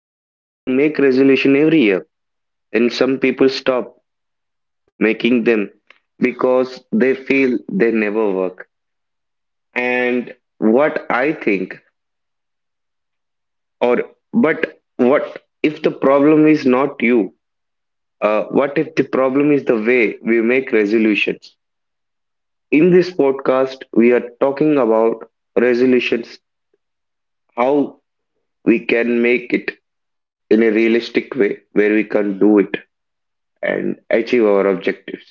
Some people make resolution every year, and some people stop making them because they feel they never work. And what I think, or but what if the problem is not you? What if the problem is the way we make resolutions? In this podcast, we are talking about resolutions, how we can make it in a realistic way where we can do it and achieve our objectives.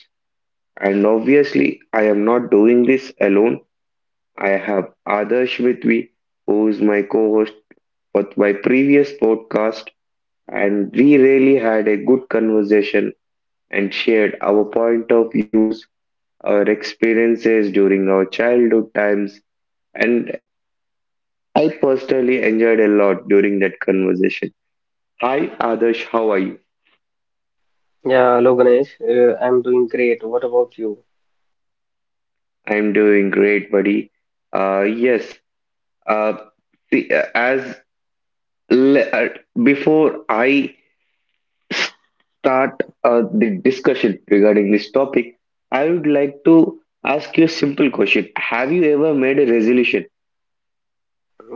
And obviously, I am not doing this alone. I have Adarsh with me, who is my co host for my previous podcast. And we really had a good conversation and shared our point of views, our experiences during our childhood times, and I personally enjoyed a lot during that conversation. Hi, Adarsh, how are you? Yeah, hello Ganesh. I'm doing great. What about you? I'm doing great, buddy. Yes. uh, see, uh, as le- uh, Before I start the discussion regarding this topic, I would like to ask you a simple question. Have you ever made a resolution?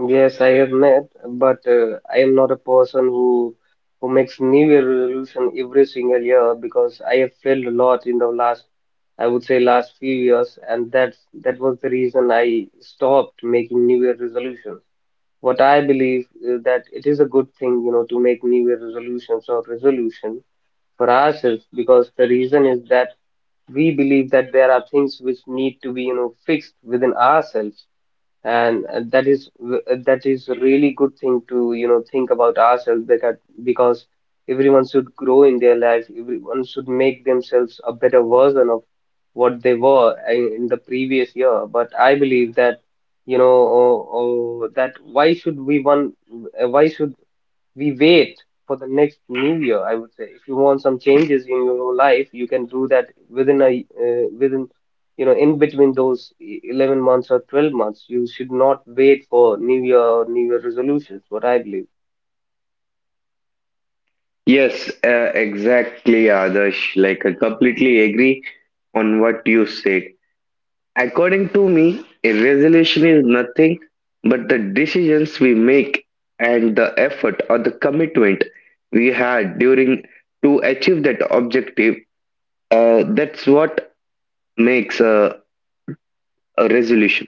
Yes, I have met, but I am not a person who makes New Year resolution every single year because I have failed a lot in the last, I would say, last few years, and that was the reason I stopped making New Year resolutions. What I believe is that it is a good thing, you know, to make New Year resolutions or resolution for ourselves because the reason is that we believe that there are things which need to be you know fixed within ourselves and that is a really good thing to you know think about ourselves because everyone should grow in their life, everyone should make themselves a better version of what they were in the previous year. But I believe that, you know, oh, oh, that why should we one why should we wait for the next new year? I would say if you want some changes in your life you can do that within a within you know in between those 11 months or 12 months. You should not wait for new year or new year resolutions, what I believe. Yes, exactly, Adarsh. Like, I completely agree on what you said. According to me, a resolution is nothing but the decisions we make and the effort or the commitment we had during to achieve that objective. That's what makes a resolution.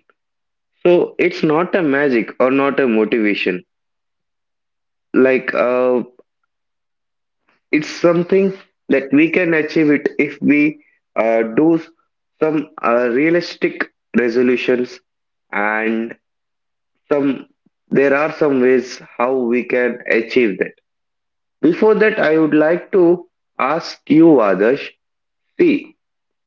So it's not a magic or not a motivation. Like it's something that we can achieve it if we do some realistic resolutions, and some there are some ways how we can achieve that. Before that, I would like to ask you, Adarsh, see,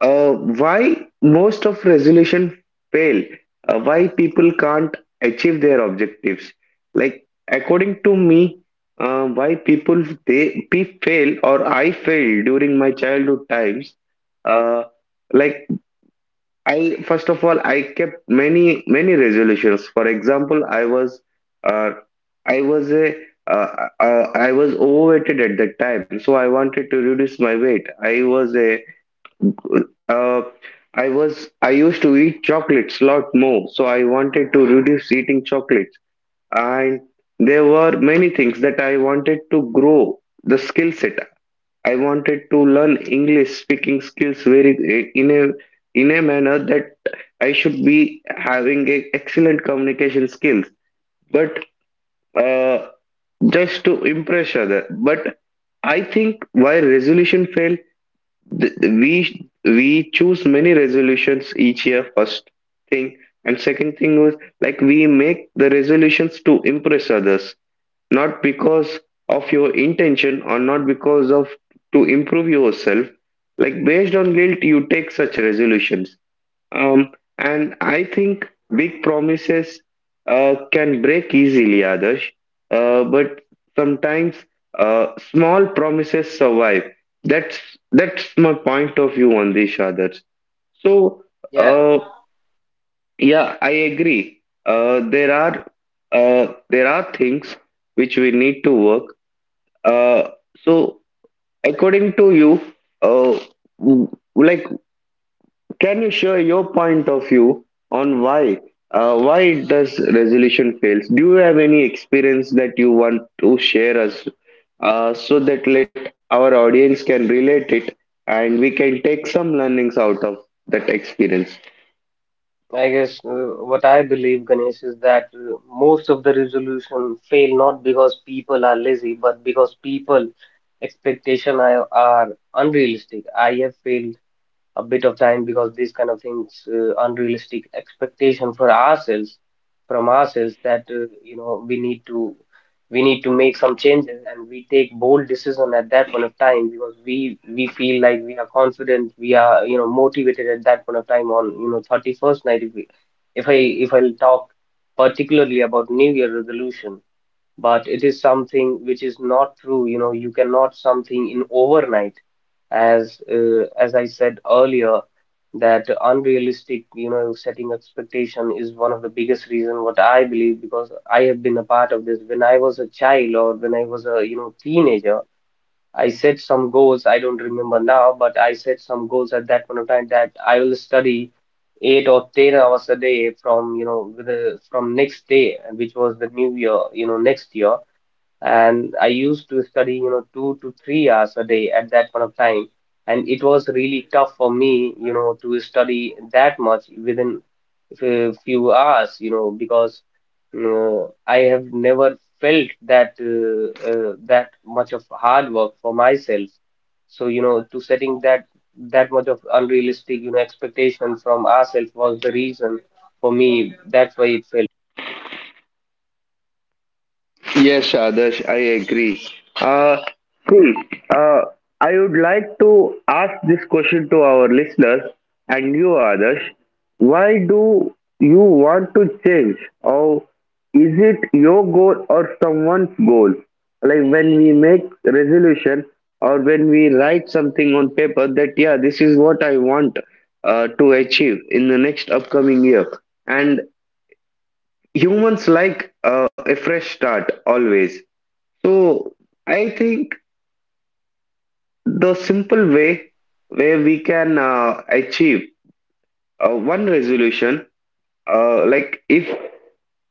why most of resolution fail, why people can't achieve their objectives. Like according to me, why people they we fail or I failed during my childhood times. Uh, like I first of all I kept many resolutions. For example, uh, I was a I was overweighted at that time, so I wanted to reduce my weight. I was a uh, I was I used to eat chocolates a lot more, so I wanted to reduce eating chocolates. And there were many things that I wanted to grow the skill set. I wanted to learn English speaking skills very in a manner that I should be having a excellent communication skills, but uh, just to impress other. But I think why resolution fail, we choose many resolutions each year, first thing, and second thing was, like we make the resolutions to impress others, not because of your intention or not because of to improve yourself, like based on guilt you take such resolutions. Um, and I think big promises can break easily, Adarsh. But sometimes small promises survive. That's that's my point of view on this, Adarsh. So, yeah uh, yeah, I agree. There are things which we need to work. Uh, so, according to you, uh, w- like can you share your point of view on why? Why does resolution fails? Do you have any experience that you want to share us, so that let our audience can relate it and we can take some learnings out of that experience? I guess what I believe Ganesh is that, most of the resolution fail not because people are lazy but because people expectation are unrealistic. I have failed a bit of time because these kind of things, unrealistic expectation for ourselves from ourselves, that you know we need to make some changes and we take bold decision at that point of time because we feel like we are confident, we are you know motivated at that point of time on you know 31st night, if I if I talk particularly about New Year resolution. But it is something which is not true. You know, you cannot something in overnight, as I said earlier, that unrealistic, you know, setting expectation is one of the biggest reason what I believe, because I have been a part of this. When I was a child, or when I was a, you know, teenager, I set some goals. I don't remember now, but I set some goals at that point of time that I will study 8 or 10 hours a day from, you know, with the, from next day, which was the new year, you know, next year, and I used to study, you know, 2 to 3 hours a day at that point of time, and it was really tough for me, you know, to study that much within a few hours, you know, because I have never felt that that much of hard work for myself. So, you know, to setting that that much of unrealistic, you know, expectation from ourselves was the reason for me. That's why it failed. Yes, Adarsh, I agree. Uh, see, uh, I would like to ask this question to our listeners and you, Adarsh. Why do you want to change, or is it your goal or someone's goal? Like when we make resolution or when we write something on paper that, yeah, this is what I want to achieve in the next upcoming year. And humans like a fresh start always, so I think the simple way where we can achieve one resolution, like if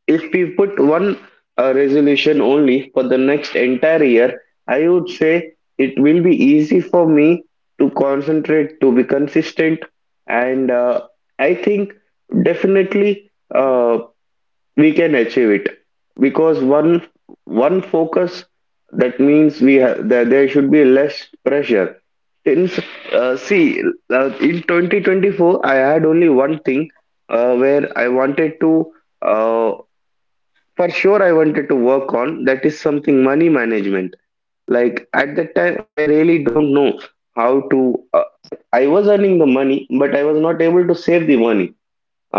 if we put one resolution only for the next entire year, I would say it will be easy for me to concentrate, to be consistent, and I think definitely. Uh, we can achieve it because one focus, that means we have that there should be less pressure, since, see, in 2024 I had only one thing where I wanted to, uh, for sure I wanted to work on, that is something money management. Like at that time, I really don't know how to, uh, I was earning the money but I was not able to save the money,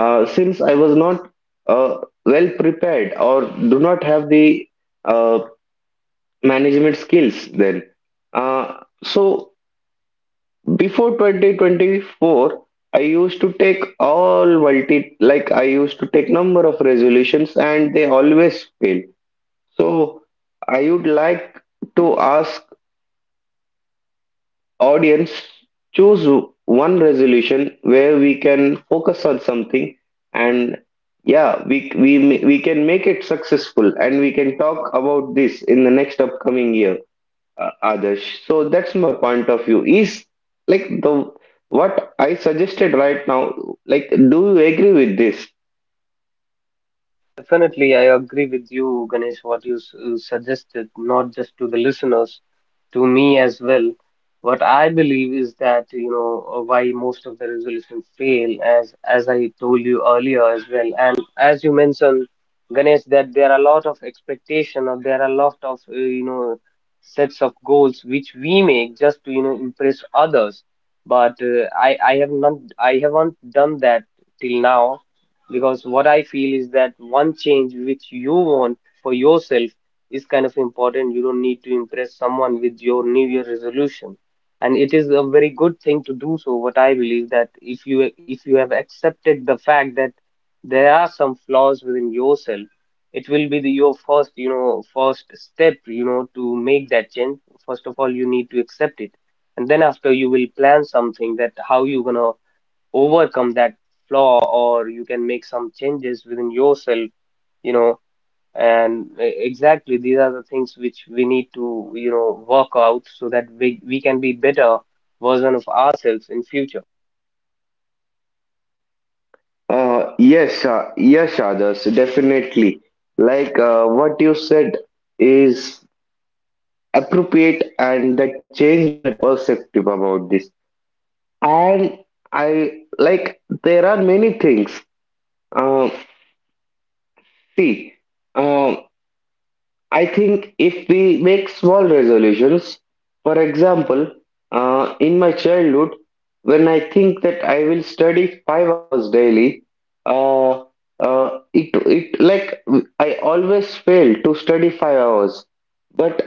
since I was not uh, well prepared or do not have the uh, management skills then. Uh, so before 2024, I used to take all multi, like I used to take number of resolutions and they always fail. So I would like to ask audience choose one resolution where we can focus on something, and yeah, we can make it successful and we can talk about this in the next upcoming year, others. So that's my point of view is like the, what I suggested right now, like do you agree with this? What you suggested, not just to the listeners, to me as well. What I believe is that, you know, why most of the resolutions fail, as I told you earlier as well, and as you mentioned, Ganesh, that there are a lot of expectation, or there are a lot of, you know, sets of goals which we make just to, you know, impress others. But I haven't done that till now, because what I feel is that one change which you want for yourself is kind of important. You don't need to impress someone with your new year resolution, and it is a very good thing to do. So what I believe that if you, if you have accepted the fact that there are some flaws within yourself, it will be the, your first you know first step you know to make that change. First of all you need to accept it, and then after you will plan something, that how you gonna overcome that flaw, or you can make some changes within yourself, you know. And exactly these are the things which we need to you know work out so that we can be better version of ourselves in future. Yes, others, definitely. Like what you said is appropriate and that changed my perspective about this. And I, like there are many things, uh, see um, I think if we make small resolutions. For example, in my childhood, when I think that I will study 5 hours daily, uh, uh, it it like I always fail to study 5 hours, but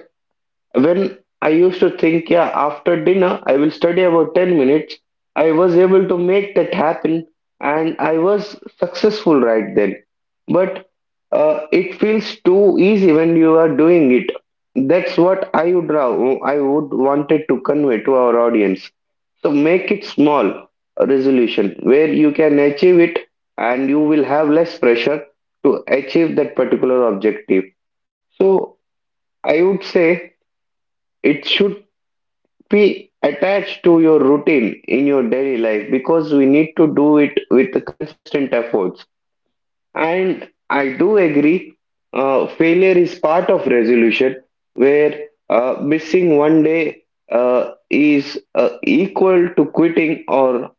when I used to think, yeah, after dinner, I will study about 10 minutes, I was able to make that happen and I was successful right then. But it feels too easy when you are doing it. That's what I would, I would wanted to convey to our audience. So make it small a resolution where you can achieve it and you will have less pressure to achieve that particular objective. So I would say it should be attached to your routine in your daily life because we need to do it with consistent efforts. And I do agree, failure is part of resolution, where missing one day is equal to quitting, or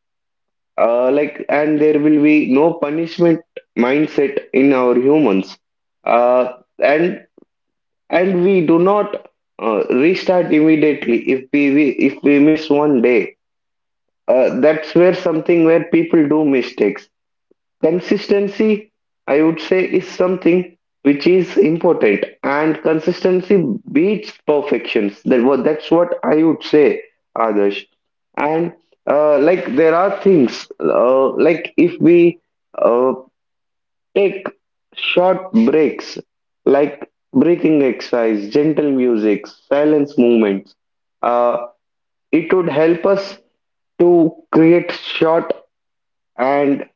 and there will be no punishment mindset in our humans. Uh, and and we do not restart immediately if we miss one day, that's where something where people do mistakes. Consistency, I would say, is something which is important, and consistency beats perfections. That's what I would say, Adarsh. And like there are things, like if we uh, take short breaks, like breathing exercise, gentle music, silence movements, uh, it would help us to create short. And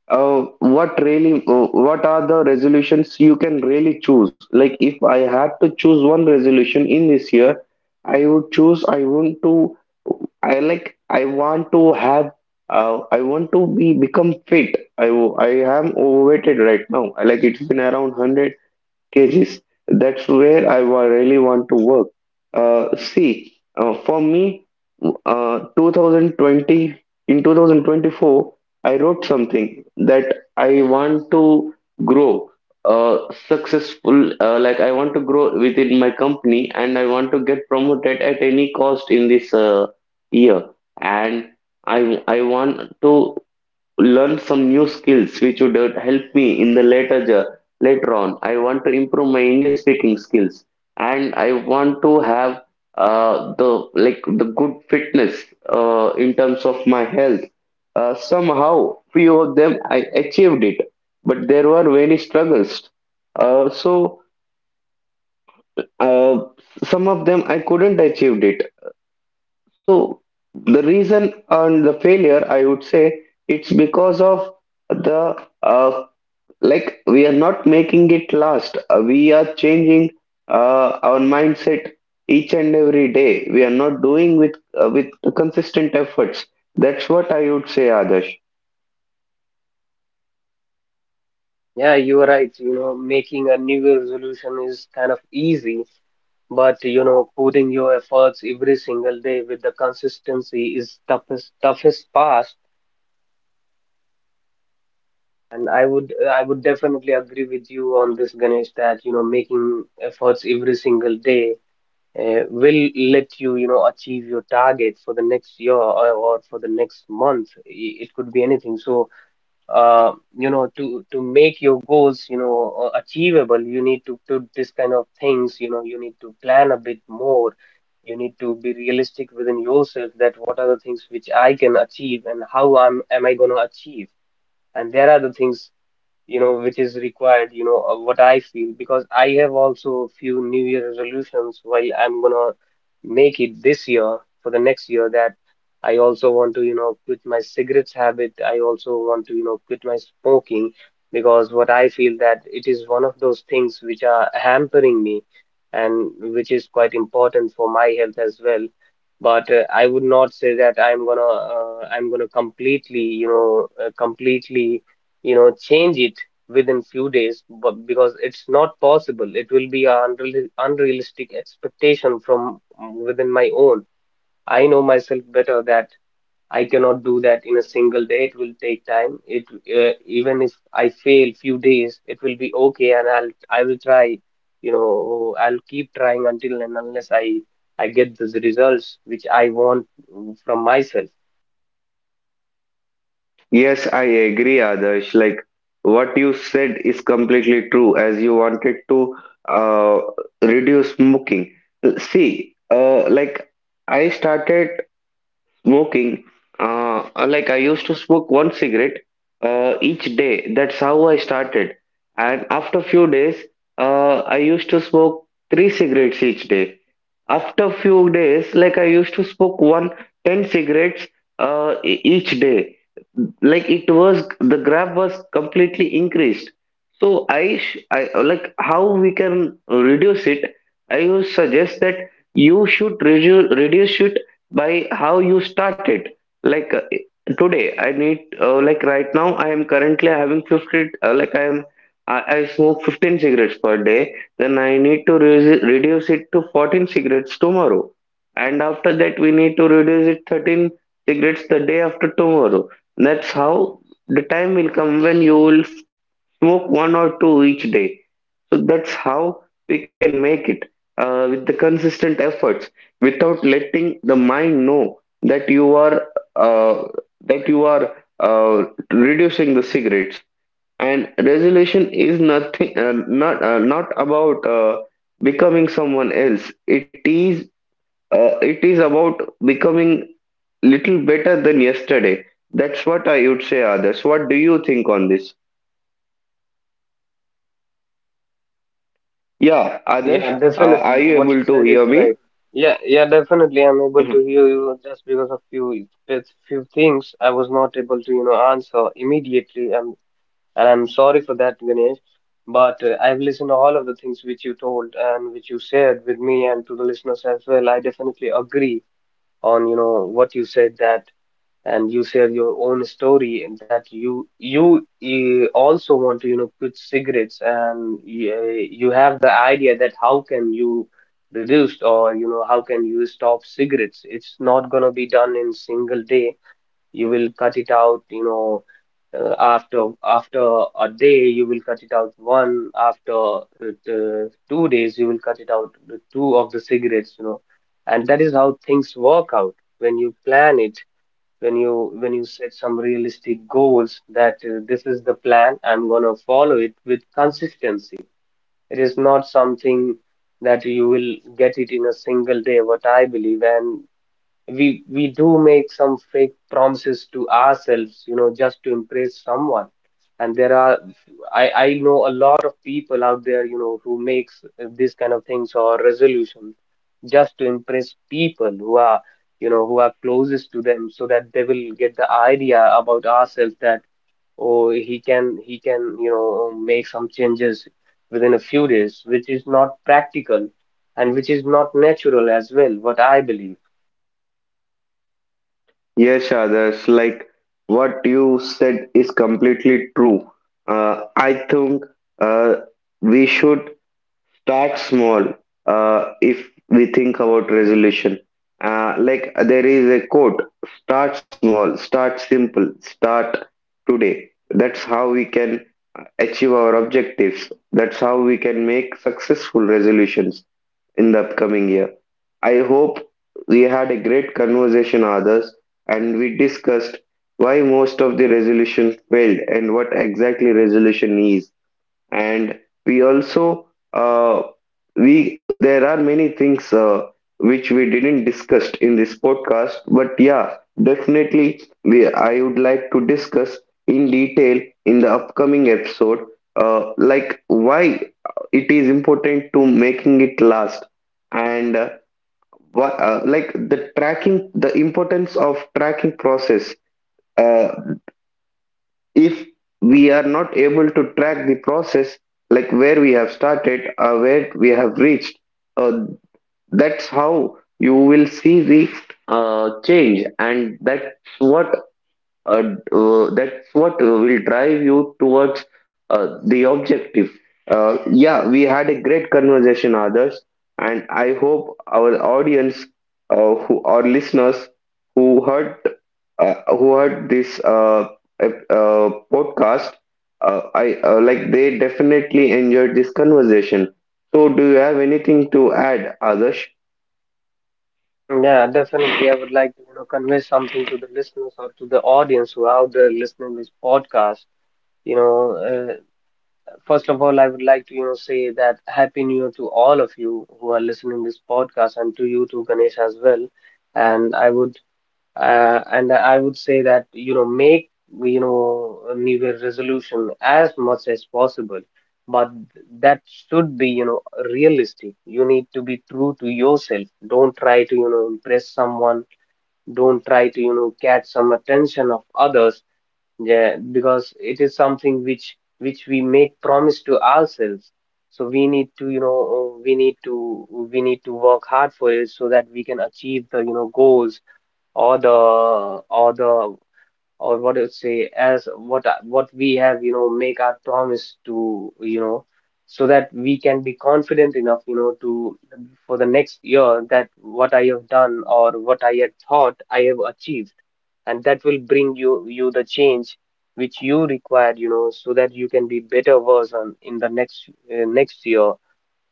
what are the resolutions you can really choose? Like, if I had to choose one resolution in this year, I would choose, I want to, I like, I want to have, I want to be become fit. I am overweighted right now. I like it's been around cages. That's where really want to work. See, for me, uh, 2020 in 2024, I wrote something that I want to grow uh, successful. Like I want to grow within my company, and I want to get promoted at any cost in this year. And I want to learn some new skills which would help me in the later later on. I want to improve my English speaking skills, and I want to have, the like the good fitness in terms of my health. Somehow few of them I achieved it, but there were many struggles, uh, so uh, some of them I couldn't achieve it. So the reason and the failure, I would say, it's because of the, uh, like we are not making it last. We are changing our mindset each and every day. We are not doing with, with the consistent efforts. That's what I would say, Adarsh. Yeah, you are right, you know, making a new year resolution is kind of easy, but you know putting your efforts every single day with the consistency is toughest part. And I would definitely agree with you on this, Ganesh, that you know making efforts every single day will let you you know achieve your target for the next year, or for the next month. It could be anything. So uh, you know to make your goals you know achievable, you need to do this kind of things. You know you need to plan a bit more. You need to be realistic within yourself, that what are the things which I can achieve, and how I'm am I gonna achieve. And there are the things, you know, which is required, you know, what I feel, because I have also few New Year resolutions while I'm gonna make it this year for the next year, that I also want to, you know, quit my cigarettes habit. I also want to, you know, quit my smoking, because what I feel that it is one of those things which are hampering me, and which is quite important for my health as well. But I would not say that I'm gonna completely you know change it within few days, but because it's not possible. It will be an unrealistic expectation from within my own. I know myself better, that I cannot do that in a single day. It will take time. It Even if I fail few days, it will be okay, and I will try, you know, I'll keep trying until and unless I get these results which I want, from myself. Yes, I agree, Adarsh. Like what you said is completely true. As you wanted to uh, reduce smoking, see, like I started smoking. Like I used to smoke one cigarette each day. That's how I started. And after few days, I used to smoke three cigarettes each day. After few days, like I used to smoke one ten cigarettes, each day. Like it was the graph was completely increased. So I, sh I like how we can reduce it. I would suggest that you should reduce it by how you start it. Like today I need, like right now I am currently having 50, I smoke 15 cigarettes per day. Then I need to reduce it to 14 cigarettes tomorrow, and after that we need to reduce it 13 cigarettes the day after tomorrow. That's how the time will come when you will smoke one or two each day. So that's how we can make it with the consistent efforts, without letting the mind know uh, that you are uh, reducing the cigarettes. And resolution is nothing, not about, becoming someone else. It is, it is about becoming little better than yesterday. That's what I would say, others. What do you think on this? Yeah, others. Yeah, Are definitely. you What able you to said is hear me? right. Yeah, yeah, definitely, I'm able to hear you. Just because of few few things I was not able to, you know, answer immediately. And I'm sorry for that, Ganesh. But I've listened to all of the things which you told and which you shared with me and to the listeners as well. I definitely agree on, you know, what you said, that. And you share your own story, and that you also want to you know quit cigarettes, and you, you have the idea that how can you reduce, or you know how can you stop cigarettes. It's not going to be done in single day. You will cut it out, you know, after a day you will cut it out one. After 2 days you will cut it out the two of the cigarettes, you know. And that is how things work out, when you plan it, when you set some realistic goals, that this is the plan, I'm going to follow it with consistency. It is not something that you will get it in a single day, what I believe. And we do make some fake promises to ourselves, you know, just to impress someone. And there are, I know a lot of people out there, you know, who makes this kind of things or resolution just to impress people who are, you know, who are closest to them, so that they will get the idea about ourselves, that oh, he can you know make some changes within a few days, which is not practical, and which is not natural as well, what I believe. Yes, others, like what you said is completely true. I think uh, we should start small if we think about resolution. Like there is a quote, start small, start simple, start today. That's how we can achieve our objectives. That's how we can make successful resolutions in the upcoming year. I hope we had a great conversation, others, and we discussed why most of the resolutions failed and what exactly resolution is. And we also, uh, we there are many things which we didn't discuss in this podcast, but yeah, definitely we I would like to discuss in detail in the upcoming episode, like why it is important to making it last. And what like the tracking, the importance of tracking process. uh, if we are not able to track the process, like where we have started or where we have reached, uh, that's how you will see the change. And what uh, that's what will drive you towards the objective. Yeah, we had a great conversation, others, and I hope our audience, who our listeners, who heard, who heard this podcast, I like they definitely enjoyed this conversation. So, do you have anything to add, Adarsh? Yeah, definitely. I would like to, you know, convey something to the listeners or to the audience who are out there listening this podcast. You know, first of all, I would like to, you know, say that Happy New Year to all of you who are listening this podcast, and to you too, Ganesh, as well. And I would, and I would say that, you know, make, you know, a New Year resolution as much as possible, but that should be, you know, realistic. You need to be true to yourself. Don't try to, you know, impress someone. Don't try to you know catch some attention of others. Yeah, because it is something which we make promise to ourselves, so we need to you know we need to work hard for it, so that we can achieve the you know goals, or the or the or what you say as what what we have you know make our promise to you know, so that we can be confident enough you know to for the next year, that what I have done or what I had thought I have achieved, and that will bring you the change which you require, you know, so that you can be better version in the next next year.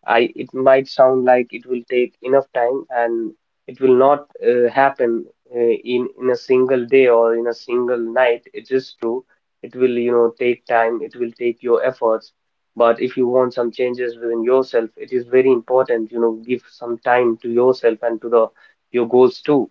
I, it might sound like it will take enough time, and it will not happen in a single day or in a single night. It is true. It will, you know, take time. It will take your efforts. But if you want some changes within yourself, it is very important, you know, give some time to yourself and to the your goals too.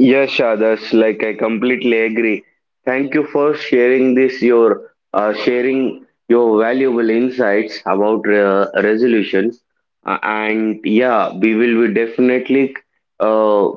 Yes, Adarsh, like I completely agree. Thank you for sharing this, your sharing your valuable insights about resolutions. And yeah, we will be definitely, uh,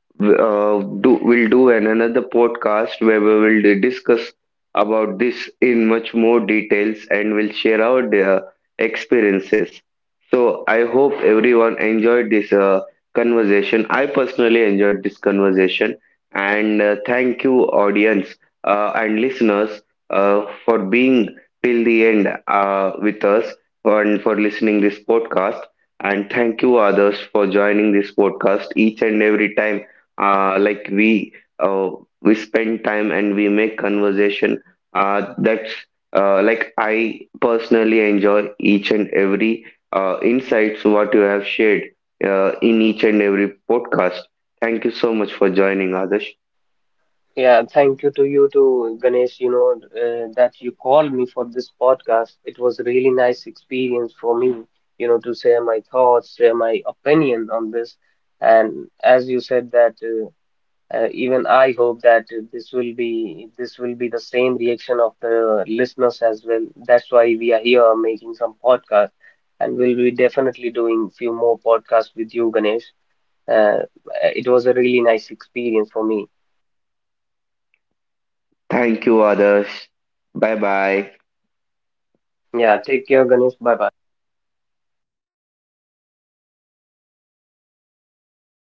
do we'll do an another podcast where we will discuss about this in much more details, and we'll share our experiences. So I hope everyone enjoyed this conversation. I personally enjoyed this conversation, and thank you, audience and listeners, for being till the end with us and for listening this podcast. And thank you, others, for joining this podcast each and every time. Like we, uh, we spend time and we make conversation. That's Like I personally enjoy each and every insights what you have shared in each and every podcast. Thank you so much for joining, others. Yeah, thank you to you too, Ganesh, you know, that you called me for this podcast. It was a really nice experience for me, you know, to share my thoughts, share my opinion on this. And as you said that even I hope that this will be the same reaction of the listeners as well. That's why we are here making some podcast, and we'll be definitely doing few more podcasts with you, Ganesh. Uh, it was a really nice experience for me. Thank you, others. Bye bye. Yeah, take care, Ganesh. Bye bye.